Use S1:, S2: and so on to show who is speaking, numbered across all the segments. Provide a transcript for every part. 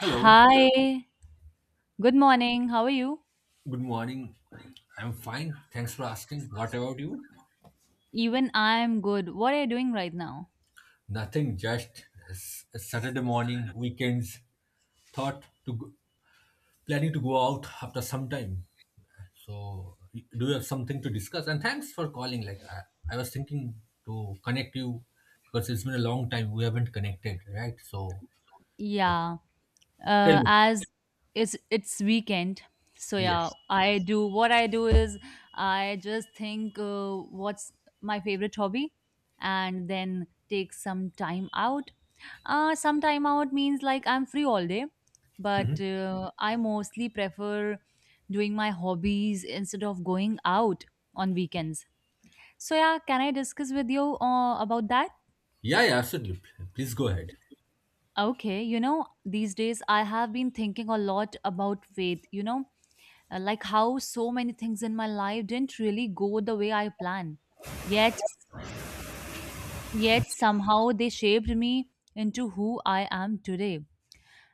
S1: Hello,
S2: Hi, good morning. How are you?
S1: good morning. I'm fine. Thanks for asking. What about you?
S2: Even I'm good. What are you doing right now?
S1: Nothing, just Saturday morning, weekends, thought to go, planning to go out after some time. So, do you have something to discuss? And thanks for calling. Like, I was thinking to connect you because it's been a long time we haven't connected, right? So, like,
S2: Yeah,
S1: tell me.
S2: as It's weekend, so yeah,
S1: Yes.
S2: I do what I do is I just think what's my favorite hobby, and then take some time out. Some time out means like I'm free all day, but I mostly prefer doing my hobbies instead of going out on weekends. So yeah, can I discuss with you about that?
S1: Yeah, yeah, absolutely. Please go ahead.
S2: Okay, you know, these days I have been thinking a lot about faith, you know, like how so many things in my life didn't really go the way I planned. Yet yet somehow they shaped me into who I am today.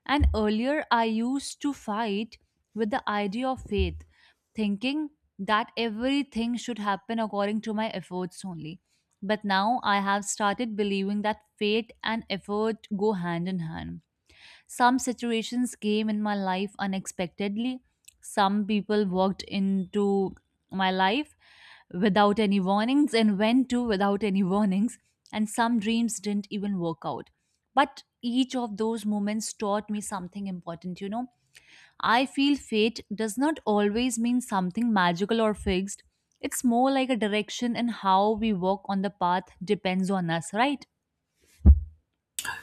S2: And earlier, I used to fight with the idea of faith, thinking that everything should happen according to my efforts only. But now I have started believing that fate and effort go hand in hand. Some situations came in my life unexpectedly. Some people walked into my life without any warnings and went to without any warnings. And some dreams didn't even work out. But each of those moments taught me something important, you know. I feel fate does not always mean something magical or fixed. It's more like a direction, and how we walk on the path depends on us, right?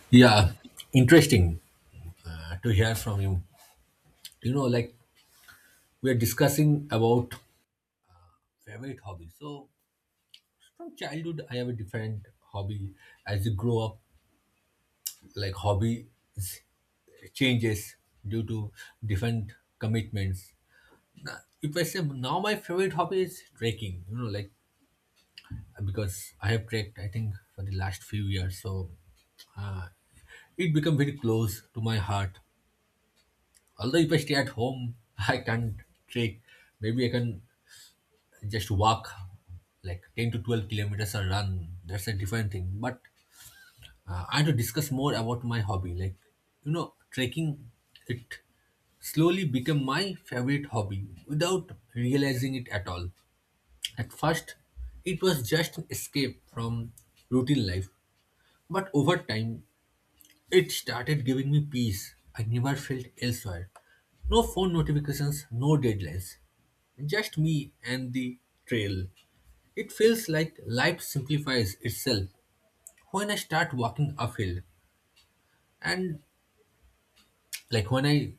S1: Yeah, interesting to hear from you. You know, like we are discussing about favorite hobby. So from childhood, I have a different hobby. As you grow up, like hobby is- changes due to different commitments. If I say now my favorite hobby is trekking, you know, like because I have trekked, I think for the last few years, so uh, it become very close to my heart. Although if I stay at home, I can't trek. Maybe I can just walk like 10 to 12 kilometers or run, that's a different thing, but I want to discuss more about my hobby, like, you know, trekking. It slowly became my favorite hobby without realizing it at all. At first, it was just an escape from routine life, but over time it started giving me peace I never felt elsewhere. No phone notifications, no deadlines, just me and the trail. It feels like life simplifies itself when I start walking uphill. And like when I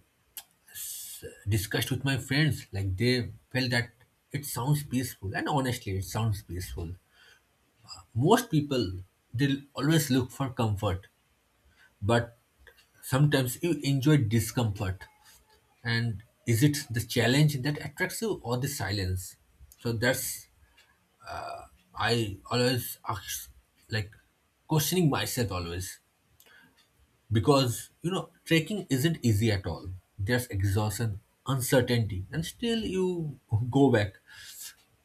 S1: discussed with my friends, like they felt that it sounds peaceful. And honestly, it sounds peaceful. Most people, they'll always look for comfort, but sometimes you enjoy discomfort. And is it the challenge that attracts you or the silence? So that's, I always ask, like, questioning myself always. Because, you know, trekking isn't easy at all. There's exhaustion, uncertainty, and still you go back,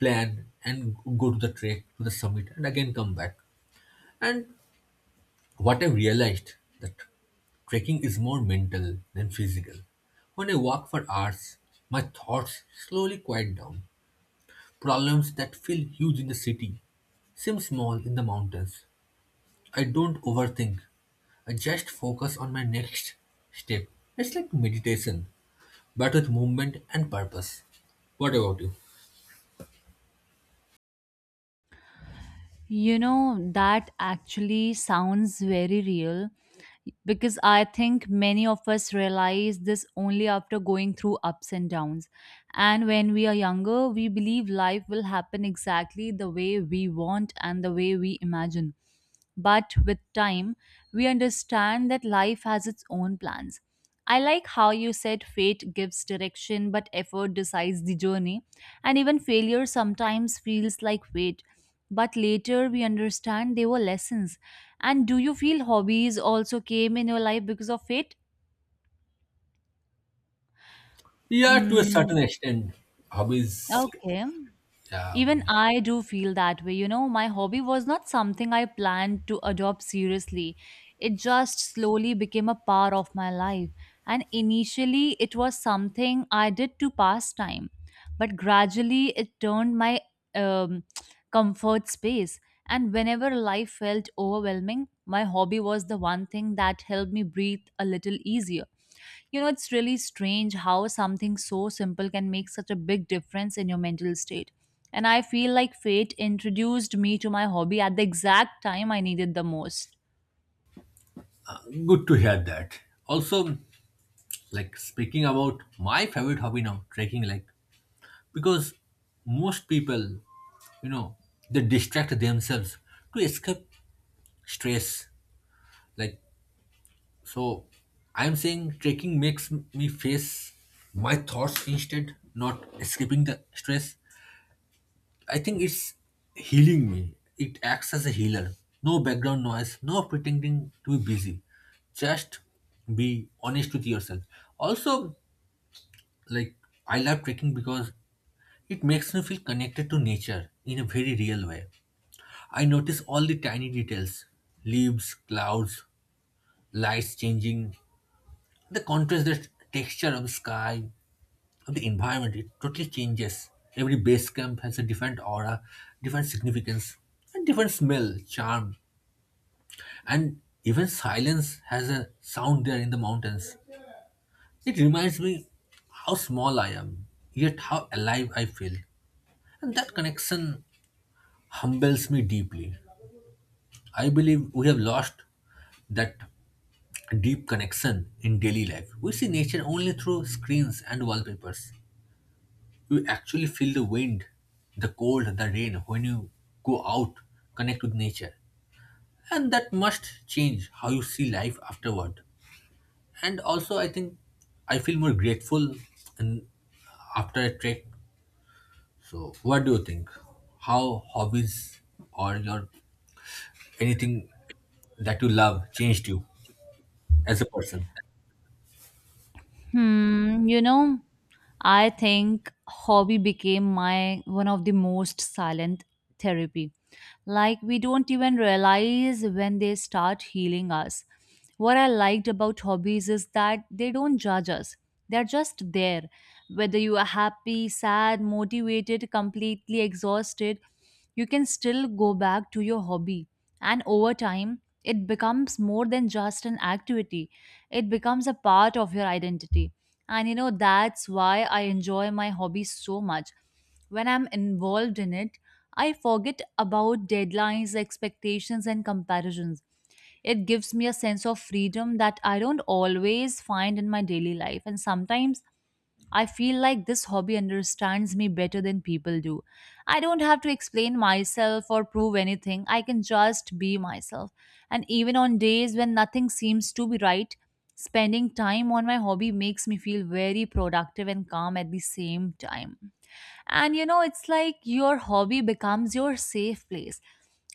S1: plan, and go to the trek, to the summit, and again come back. And what I realized, that trekking is more mental than physical. When I walk for hours, my thoughts slowly quiet down. Problems that feel huge in the city seem small in the mountains. I don't overthink. I just focus on my next step. It's like meditation but with movement and purpose. What about you?
S2: You know, that actually sounds very real because I think many of us realize this only after going through ups and downs. And when we are younger, we believe life will happen exactly the way we want and the way we imagine. But with time, we understand that life has its own plans. I like how you said fate gives direction, but effort decides the journey. And even failure sometimes feels like fate. But later we understand they were lessons. And do you feel hobbies also came in your life because of fate?
S1: Yeah, to a certain
S2: Mm,
S1: extent, hobbies.
S2: okay.
S1: Yeah,
S2: Even I do feel that way. You know, my hobby was not something I planned to adopt seriously. It just slowly became a part of my life. And initially, it was something I did to pass time. But gradually, it turned my um, comfort space. And whenever life felt overwhelming, my hobby was the one thing that helped me breathe a little easier. You know, it's really strange how something so simple can make such a big difference in your mental state. And I feel like fate introduced me to my hobby at the exact time I needed the most.
S1: good to hear that. Also, like speaking about my favorite hobby now, trekking. Like, because most people, you know, they distract themselves to escape stress. Like, so, I'm saying trekking makes me face my thoughts instead, not escaping the stress. I think it's healing me. It acts as a healer. No background noise, no pretending to be busy. Just be honest with yourself. Also, like I love trekking because it makes me feel connected to nature in a very real way. I notice all the tiny details, leaves, clouds, lights changing, the contrast, the texture of the sky. Of the environment, it totally changes. Every base camp has a different aura, different significance, and different smell charm. And even silence has a sound there in the mountains. It reminds me how small I am, yet how alive I feel. And that connection humbles me deeply. I believe we have lost that deep connection in daily life. We see nature only through screens and wallpapers. You actually feel the wind, the cold, the rain when you go out, connect with nature. And that must change how you see life afterward. And also, I think I feel more grateful and after a trek. So, what do you think? How hobbies or your anything that you love changed you as a person?
S2: Hmm, you know, I think hobby became my one of the most silent therapy. Like we don't even realize when they start healing us. What I liked about hobbies is that they don't judge us. They're just there. Whether you are happy, sad, motivated, completely exhausted, you can still go back to your hobby. And over time, it becomes more than just an activity. It becomes a part of your identity, and you know, that's why I enjoy my hobby so much. When I'm involved in it, I forget about deadlines, expectations, and comparisons. It gives me a sense of freedom that I don't always find in my daily life. And sometimes I feel like this hobby understands me better than people do. I don't have to explain myself or prove anything. I can just be myself. And even on days when nothing seems to be right, spending time on my hobby makes me feel very productive and calm at the same time. And you know, it's like your hobby becomes your safe place.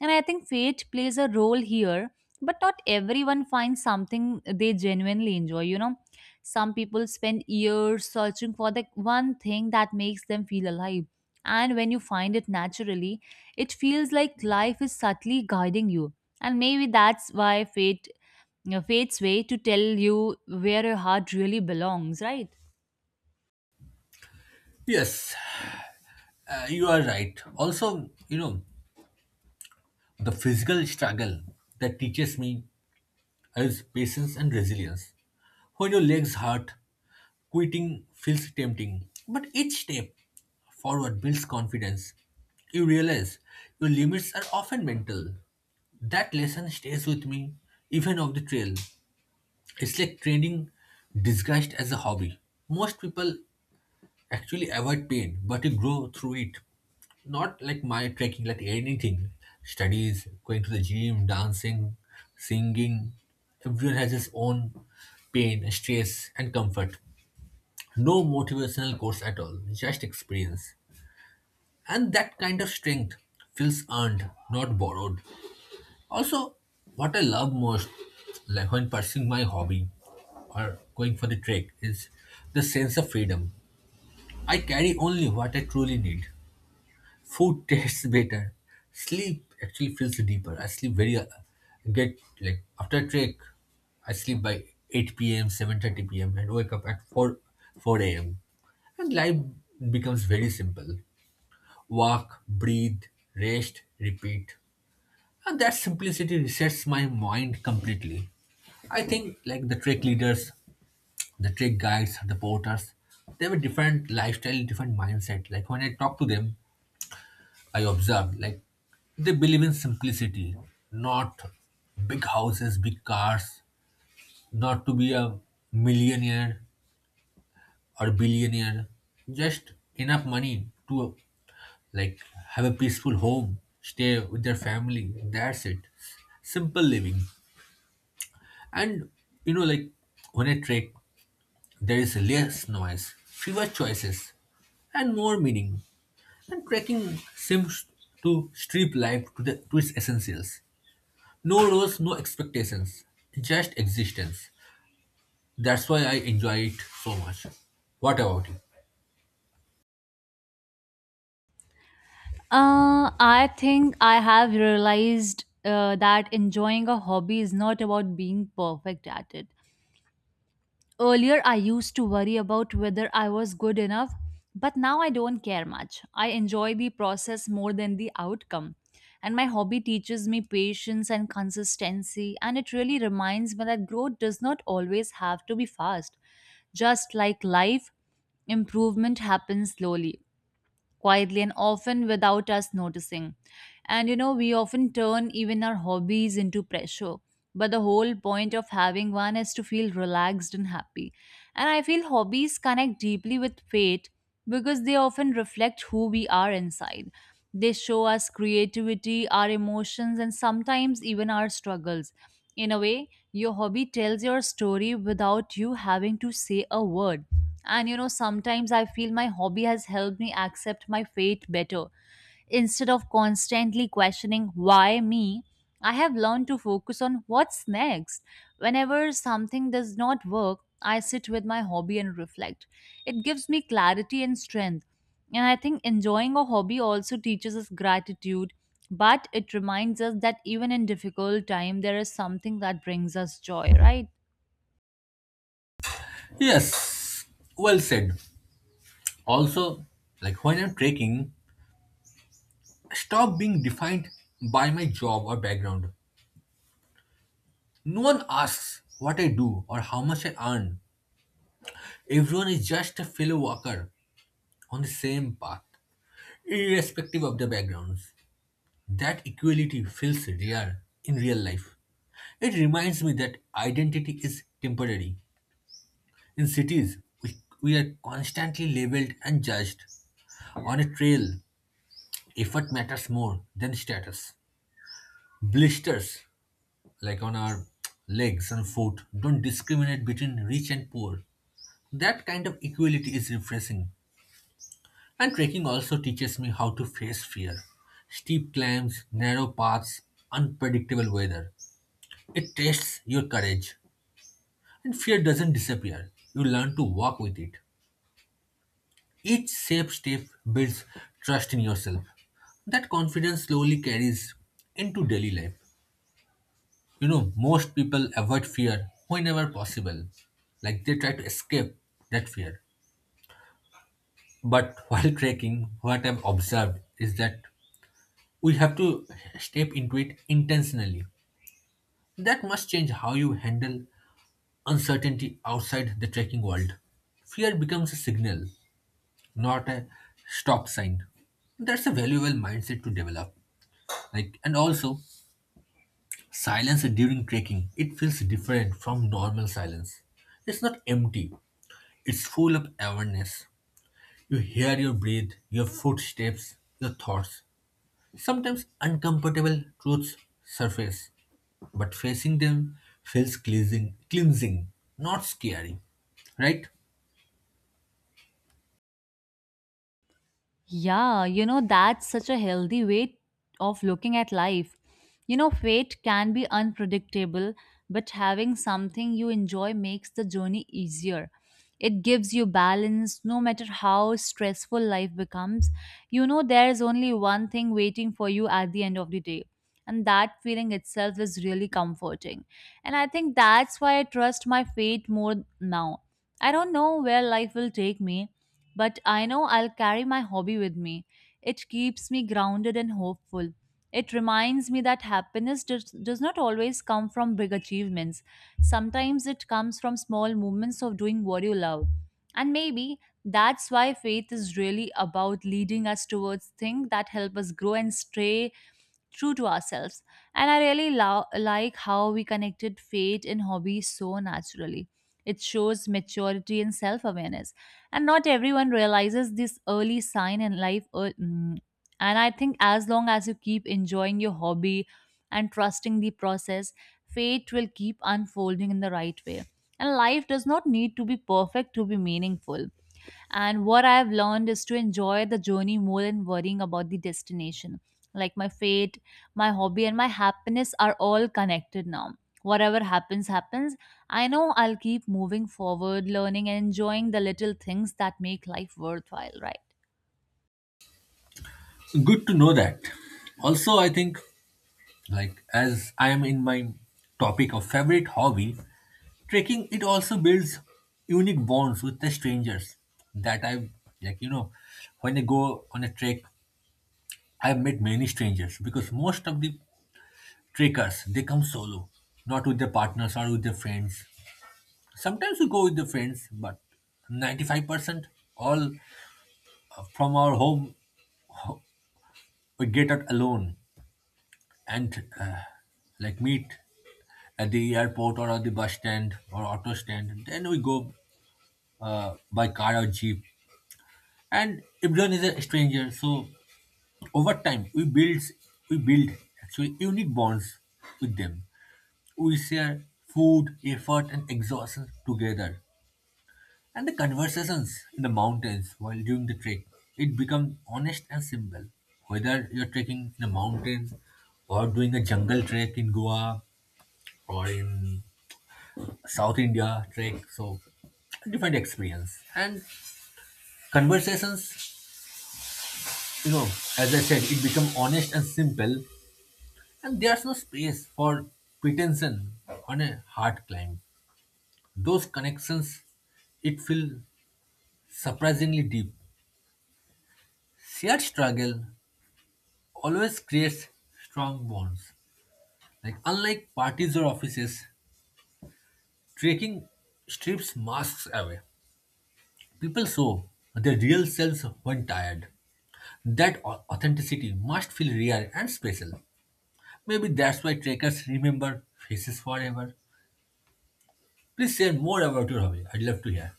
S2: And I think fate plays a role here, but not everyone finds something they genuinely enjoy, you know, some people spend years searching for the one thing that makes them feel alive. And when you find it naturally, it feels like life is subtly guiding you. And maybe that's why fate's way to tell you where your heart really belongs, right?
S1: Yes, you are right. Also, you know, the physical struggle that teaches me is patience and resilience. When your legs hurt, quitting feels tempting, but each step forward builds confidence. You realize your limits are often mental. That lesson stays with me even off the trail. It's like training disguised as a hobby. Most people actually avoid pain, but you grow through it. Not like my trekking, like anything. Studies, going to the gym, dancing, singing. Everyone has his own pain, stress, and comfort. No motivational course at all, just experience. And that kind of strength feels earned, not borrowed. Also, what I love most, like when pursuing my hobby or going for the trek, is the sense of freedom. I carry only what I truly need. Food tastes better. Sleep actually feels deeper. I sleep very get like after trek, I sleep by 8 p.m., 7:30 p.m. and wake up at 4 a.m. And life becomes very simple. Walk, breathe, rest, repeat. And that simplicity resets my mind completely. I think, like, the trek leaders, the trek guides, the porters, they have a different lifestyle, different mindset. Like when I talk to them, I observed, like they believe in simplicity, not big houses, big cars, not to be a millionaire or billionaire, just enough money to, like, have a peaceful home, stay with their family. That's it. Simple living. And you know, like, when I trek, there is less noise, fewer choices, and more meaning. And trekking seems to strip life to its essentials. No rules, no expectations, just existence. That's why I enjoy it so much. What about you?
S2: I think I have realized that enjoying a hobby is not about being perfect at it. Earlier, I used to worry about whether I was good enough, but now I don't care much. I enjoy the process more than the outcome. And my hobby teaches me patience and consistency, and it really reminds me that growth does not always have to be fast. Just like life, improvement happens slowly, quietly and often without us noticing. And you know, we often turn even our hobbies into pressure. But the whole point of having one is to feel relaxed and happy. And I feel hobbies connect deeply with fate because they often reflect who we are inside. They show us creativity, our emotions, and sometimes even our struggles. In a way, your hobby tells your story without you having to say a word, and you know, sometimes I feel my hobby has helped me accept my fate better. Instead of constantly questioning why me, I have learned to focus on what's next. Whenever something does not work, I sit with my hobby and reflect. It gives me clarity and strength. And I think enjoying a hobby also teaches us gratitude, but it reminds us that even in difficult time there is something that brings us joy, right?
S1: Yes, well said. Also, like when I'm trekking, I stop being defined by my job or background. No one asks what I do or how much I earn. Everyone is just a fellow walker on the same path, irrespective of the backgrounds. That equality feels rare in real life. It reminds me that identity is temporary. In cities, we are constantly labeled and judged. On a trail, effort matters more than status. Blisters, like on our legs and foot, don't discriminate between rich and poor. That kind of equality is refreshing. And trekking also teaches me how to face fear. Steep climbs, narrow paths, unpredictable weather. It tests your courage. And fear doesn't disappear, you learn to walk with it. Each safe step builds trust in yourself. That confidence slowly carries into daily life. You know, most people avoid fear whenever possible, like they try to escape that fear. But while trekking, what I've observed is that we have to step into it intentionally. That must change how you handle uncertainty outside the trekking world. Fear becomes a signal, not a stop sign. That's a valuable mindset to develop. Like, and also, silence during trekking, it feels different from normal silence. It's not empty, it's full of awareness. You hear your breath, your footsteps, your thoughts. Sometimes uncomfortable truths surface, but facing them feels cleansing, not scary, right?
S2: Yeah, you know, that's such a healthy way of looking at life. You know, fate can be unpredictable, but having something you enjoy makes the journey easier. It gives you balance no matter how stressful life becomes. You know, there's only one thing waiting for you at the end of the day. And that feeling itself is really comforting. And I think that's why I trust my fate more now. I don't know where life will take me, but I know I'll carry my hobby with me. It keeps me grounded and hopeful. It reminds me that happiness does, not always come from big achievements. Sometimes it comes from small moments of doing what you love. And maybe that's why faith is really about leading us towards things that help us grow and stay true to ourselves. And I really like how we connected fate and hobby so naturally. It shows maturity and self awareness. And not everyone realizes this early sign in life. Mm. And I think as long as you keep enjoying your hobby and trusting the process, fate will keep unfolding in the right way. And life does not need to be perfect to be meaningful. And what I've learned is to enjoy the journey more than worrying about the destination. Like my fate, my hobby, and my happiness are all connected now. Whatever happens, happens. I know I'll keep moving forward, learning, and enjoying the little things that make life worthwhile, right?
S1: So, good to know that. Also, I think, like, as I am in my topic of favorite hobby, trekking, it also builds unique bonds with the strangers that I like. You know, when I go on a trek, I've met many strangers because most of the trekkers, they come solo, not with their partners or with their friends. Sometimes we go with the friends, but 95% all from our home we get out alone and like meet at the airport or at the bus stand or auto stand. Then we go by car or jeep, and everyone is a stranger. So over time, we build actually unique bonds with them. We share food, effort, and exhaustion together, and the conversations in the mountains while during the trek, it becomes honest and simple. Whether you're trekking in the mountains or doing a jungle trek in Goa or in South India trek. So different experience and conversations. You know, as I said, it become honest and simple, and there's no space for pretension on a hard climb. Those connections, it feel surprisingly deep. Shared struggle always creates strong bonds. Like, unlike parties or offices, trekking strips masks away. People show their real selves when tired. That authenticity must feel rare and special. Maybe that's why trekkers remember faces forever. Please share more about your hobby. I'd love to hear.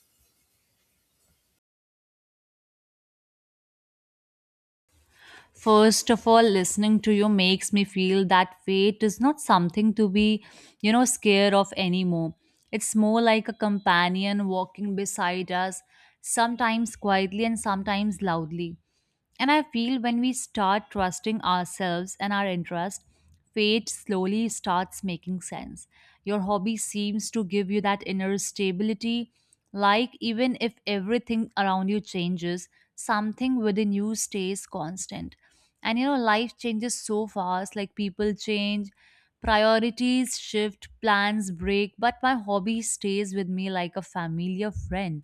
S2: First of all, listening to you makes me feel that fate is not something to be, you know, scared of anymore. It's more like a companion walking beside us, sometimes quietly and sometimes loudly. And I feel when we start trusting ourselves and our interests, fate slowly starts making sense. Your hobby seems to give you that inner stability. Like, even if everything around you changes, something within you stays constant. And you know, life changes so fast, like, people change, priorities shift, plans break, but my hobby stays with me like a familiar friend.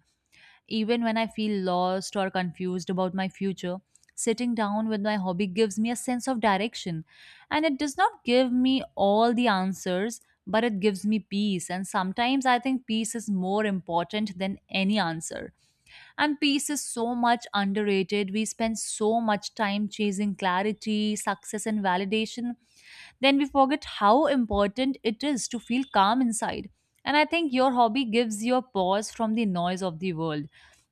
S2: Even when I feel lost or confused about my future, sitting down with my hobby gives me a sense of direction. And it does not give me all the answers, but it gives me peace. And sometimes I think peace is more important than any answer. And peace is so much underrated. We spend so much time chasing clarity, success, and validation, then we forget how important it is to feel calm inside. And I think your hobby gives you a pause from the noise of the world.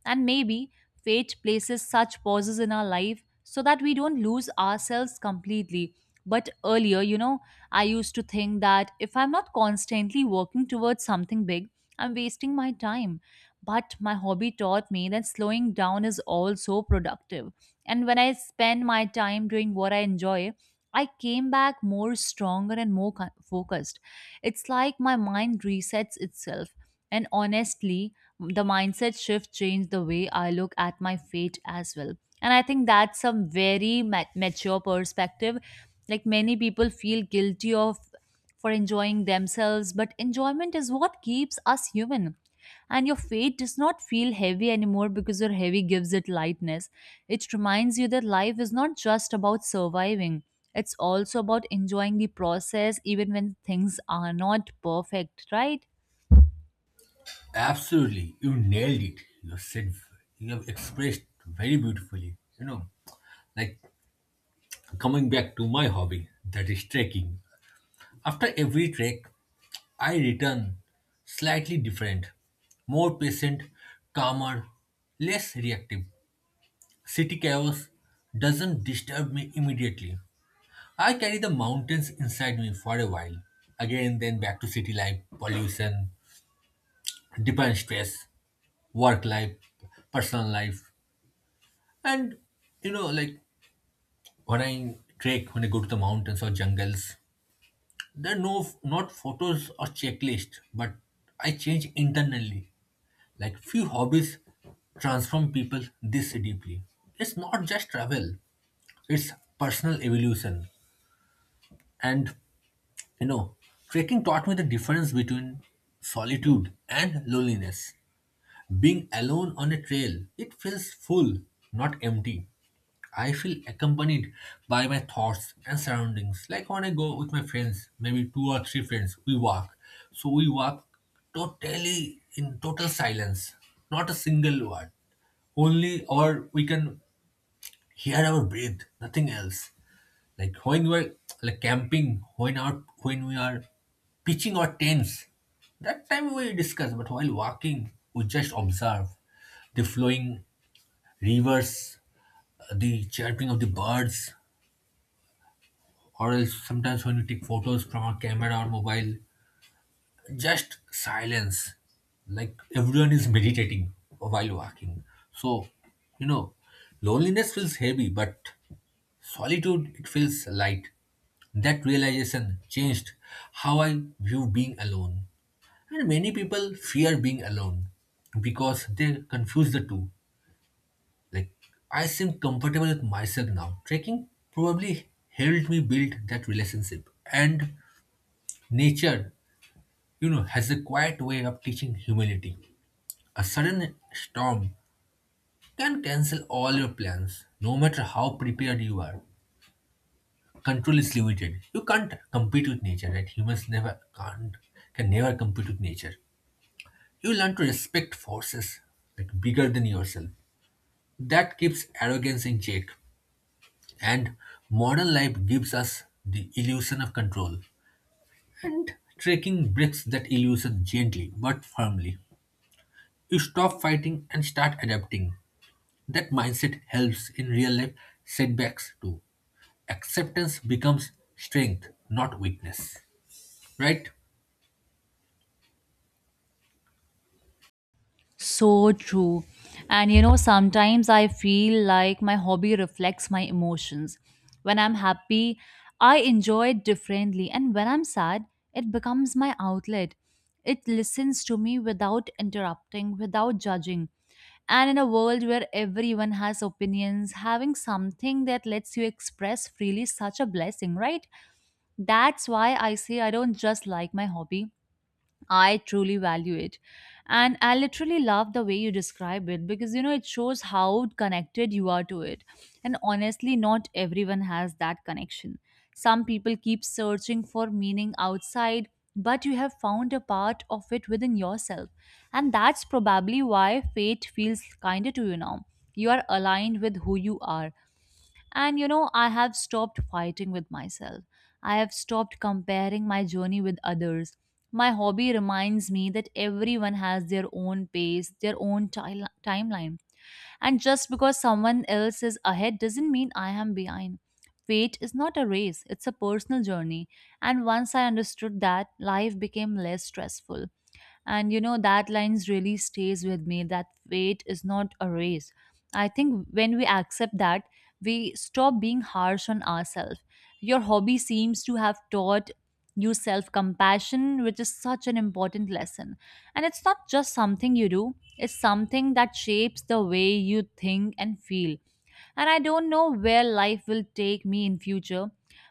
S2: And maybe fate places such pauses in our life so that we don't lose ourselves completely. But earlier, you know, I used to think that if I'm not constantly working towards something big, I'm wasting my time. But my hobby taught me that slowing down is also productive. And when I spend my time doing what I enjoy, I came back more stronger and more focused. It's like my mind resets itself. And honestly, the mindset shift changed the way I look at my fate as well. And I think that's a very mature perspective. Like many people feel guilty of for enjoying themselves, but enjoyment is what keeps us human. And your fate does not feel heavy anymore because your heavy gives it lightness. It reminds you that life is not just about surviving, it's also about enjoying the process even when things are not perfect, right?
S1: Absolutely, you nailed it. You have expressed very beautifully. You know, like, coming back to my hobby, that is trekking. After every trek, I return slightly different, more patient, calmer, less reactive. City chaos doesn't disturb me immediately. I carry the mountains inside me for a while. Again, then back to city life, pollution, different stress, work life, personal life. And you know, like when I trek, when I go to the mountains or jungles, there are not photos or checklist, but I change internally. Like, few hobbies transform people this deeply. It's not just travel, it's personal evolution. And you know, trekking taught me the difference between solitude and loneliness. Being alone on a trail, it feels full, not empty. I feel accompanied by my thoughts and surroundings. Like when I go with my friends, maybe two or three friends, we walk. So we walk totally in total silence, not a single word. Only or we can hear our breath, nothing else. Like when we're like camping, when we are pitching our tents, that time we discuss, but while walking, we just observe the flowing rivers, the chirping of the birds, or else sometimes when we take photos from our camera or mobile, just silence. Like everyone is meditating while walking. So, you know, loneliness feels heavy, but solitude, it feels light. That realization changed how I view being alone. And many people fear being alone because they confuse the two. Like, I seem comfortable with myself now. Trekking probably helped me build that relationship. And nature, you know, has a quiet way of teaching humility. A sudden storm can cancel all your plans, no matter how prepared you are. Control is limited. You can't compete with nature, right? Humans never can't can never compete with nature. You learn to respect forces like bigger than yourself. That keeps arrogance in check. And modern life gives us the illusion of control. And trekking breaks that illusion gently but firmly. You stop fighting and start adapting. That mindset helps in real life setbacks too. Acceptance becomes strength, not weakness. Right?
S2: So true. And you know, sometimes I feel like my hobby reflects my emotions. When I'm happy, I enjoy it differently. And when I'm sad, it becomes my outlet. It listens to me without interrupting, without judging. And in a world where everyone has opinions, having something that lets you express freely is such a blessing, right? That's why I say I don't just like my hobby. I truly value it. And I literally love the way you describe it because it shows how connected you are to it. And honestly, not everyone has that connection. Some people keep searching for meaning outside, but you have found a part of it within yourself. And that's probably why fate feels kinder to you now. You are aligned with who you are, and I have stopped fighting with myself. I have stopped comparing my journey with others. My hobby reminds me that everyone has their own pace, their own timeline. And just because someone else is ahead doesn't mean I am behind. Fate is not a race, it's a personal journey. And once I understood that, life became less stressful, and that lines really stays with me, that fate is not a race. I think when we accept that, we stop being harsh on ourselves. Your hobby seems to have taught you self compassion, which is such an important lesson. And it's not just something you do, it's something that shapes the way you think and feel. And I don't know where life will take me in future,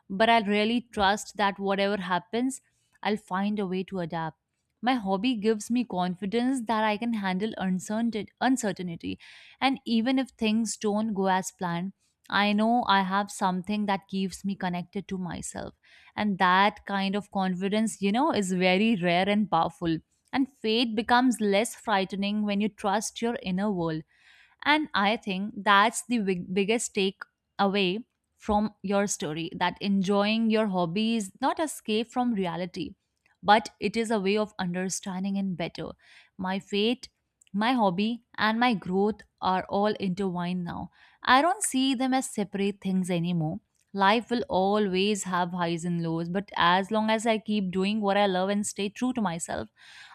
S2: but I really trust that whatever happens, I'll find a way to adapt. My hobby gives me confidence that I can handle uncertainty. And even if things don't go as planned, I know I have something that keeps me connected to myself. And that kind of confidence, is very rare and powerful. And faith becomes less frightening when you trust your inner world. And I think that's the biggest take away from your story, that enjoying your hobby is not escape from reality, but it is a way of understanding it better. My fate, my hobby and my growth are all intertwined now. I don't see them as separate things anymore. Life will always have highs and lows, but as long as I keep doing what I love and stay true to myself,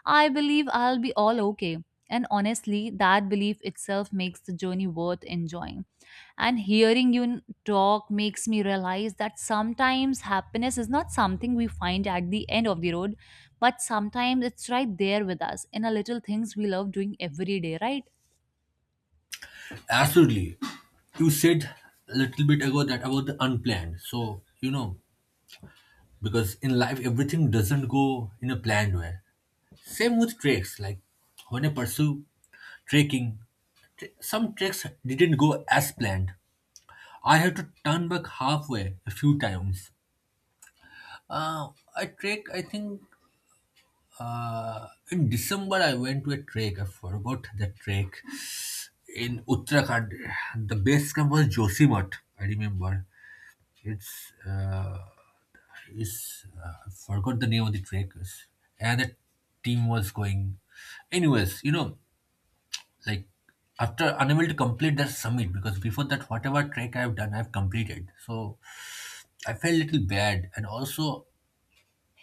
S2: I believe I'll be all okay. And honestly, that belief itself makes the journey worth enjoying. And hearing you talk makes me realize that sometimes happiness is not something we find at the end of the road, but sometimes it's right there with us in a little things we love doing every day, right?
S1: Absolutely. You said a little bit ago that about the unplanned. So, you know, because in life everything doesn't go in a planned way. Same with treks. Like when I pursue trekking, some treks didn't go as planned. I had to turn back halfway a few times. Uh, I trek, I think in December I went to a trek. I forgot the trek in Uttarakhand. The base camp was Josimath. I remember. It's is I forgot the name of the trek. Another team was going. Anyways, you know, like after unable to complete that summit because before that whatever trek I've done I've completed. So I felt a little bad and also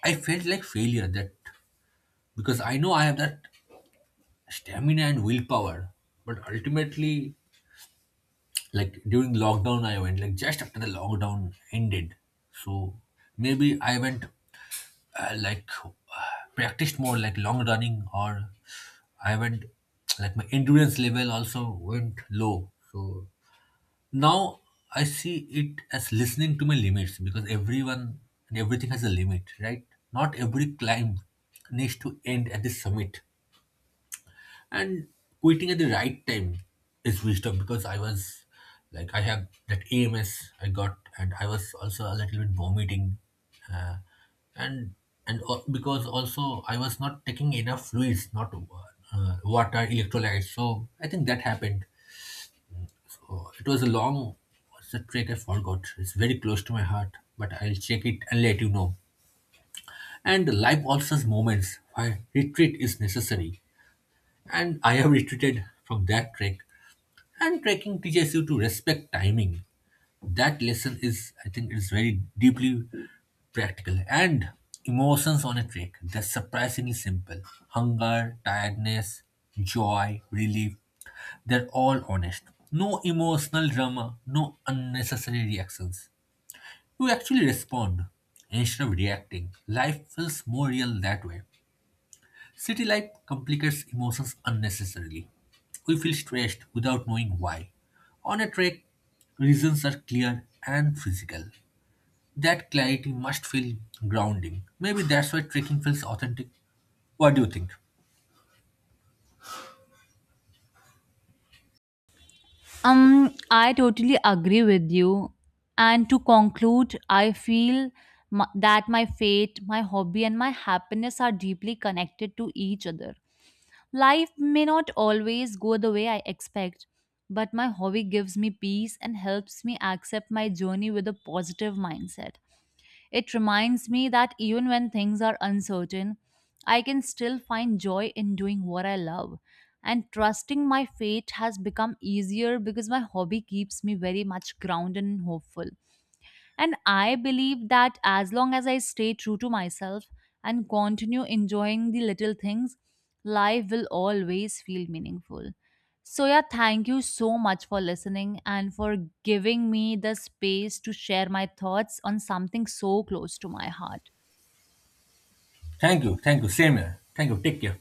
S1: I felt like failure that because I know I have that stamina and willpower, but ultimately like during lockdown I went like just after the lockdown ended. So maybe I went uh, like uh, practiced more like long running or I went like my endurance level also went low. So now I see it as listening to my limits because everyone and everything has a limit, right? Not every climb needs to end at the summit and quitting at the right time is wisdom because I was like I have that AMS I got and I was also a little bit vomiting uh, and because also I was not taking enough fluids not water electrolytes so I think that happened so it was a long what's the trait I forgot it's very close to my heart but I'll check it and let you know and life also has moments where retreat is necessary and I have retreated from that trek. And trekking teaches you to respect timing. That lesson is, I think, is very deeply practical. And emotions on a trek, they're surprisingly simple. Hunger, tiredness, joy, relief, they're all honest. No emotional drama, no unnecessary reactions. You actually respond instead of reacting. Life feels more real that way. City life complicates emotions unnecessarily. We feel stressed without knowing why. On a trek, reasons are clear and physical. That clarity must feel grounding. Maybe that's why trekking feels authentic. What do you think?
S2: I totally agree with you. And to conclude, I feel that my fate, my hobby, and my happiness are deeply connected to each other. Life may not always go the way I expect, but my hobby gives me peace and helps me accept my journey with a positive mindset. It reminds me that even when things are uncertain, I can still find joy in doing what I love. And trusting my fate has become easier because my hobby keeps me very much grounded and hopeful. And I believe that as long as I stay true to myself and continue enjoying the little things, life will always feel meaningful. So, yeah, thank you so much for listening and for giving me the space to share my thoughts on something so close to my heart.
S1: Thank you. Thank you. Same here. Thank you. Take care.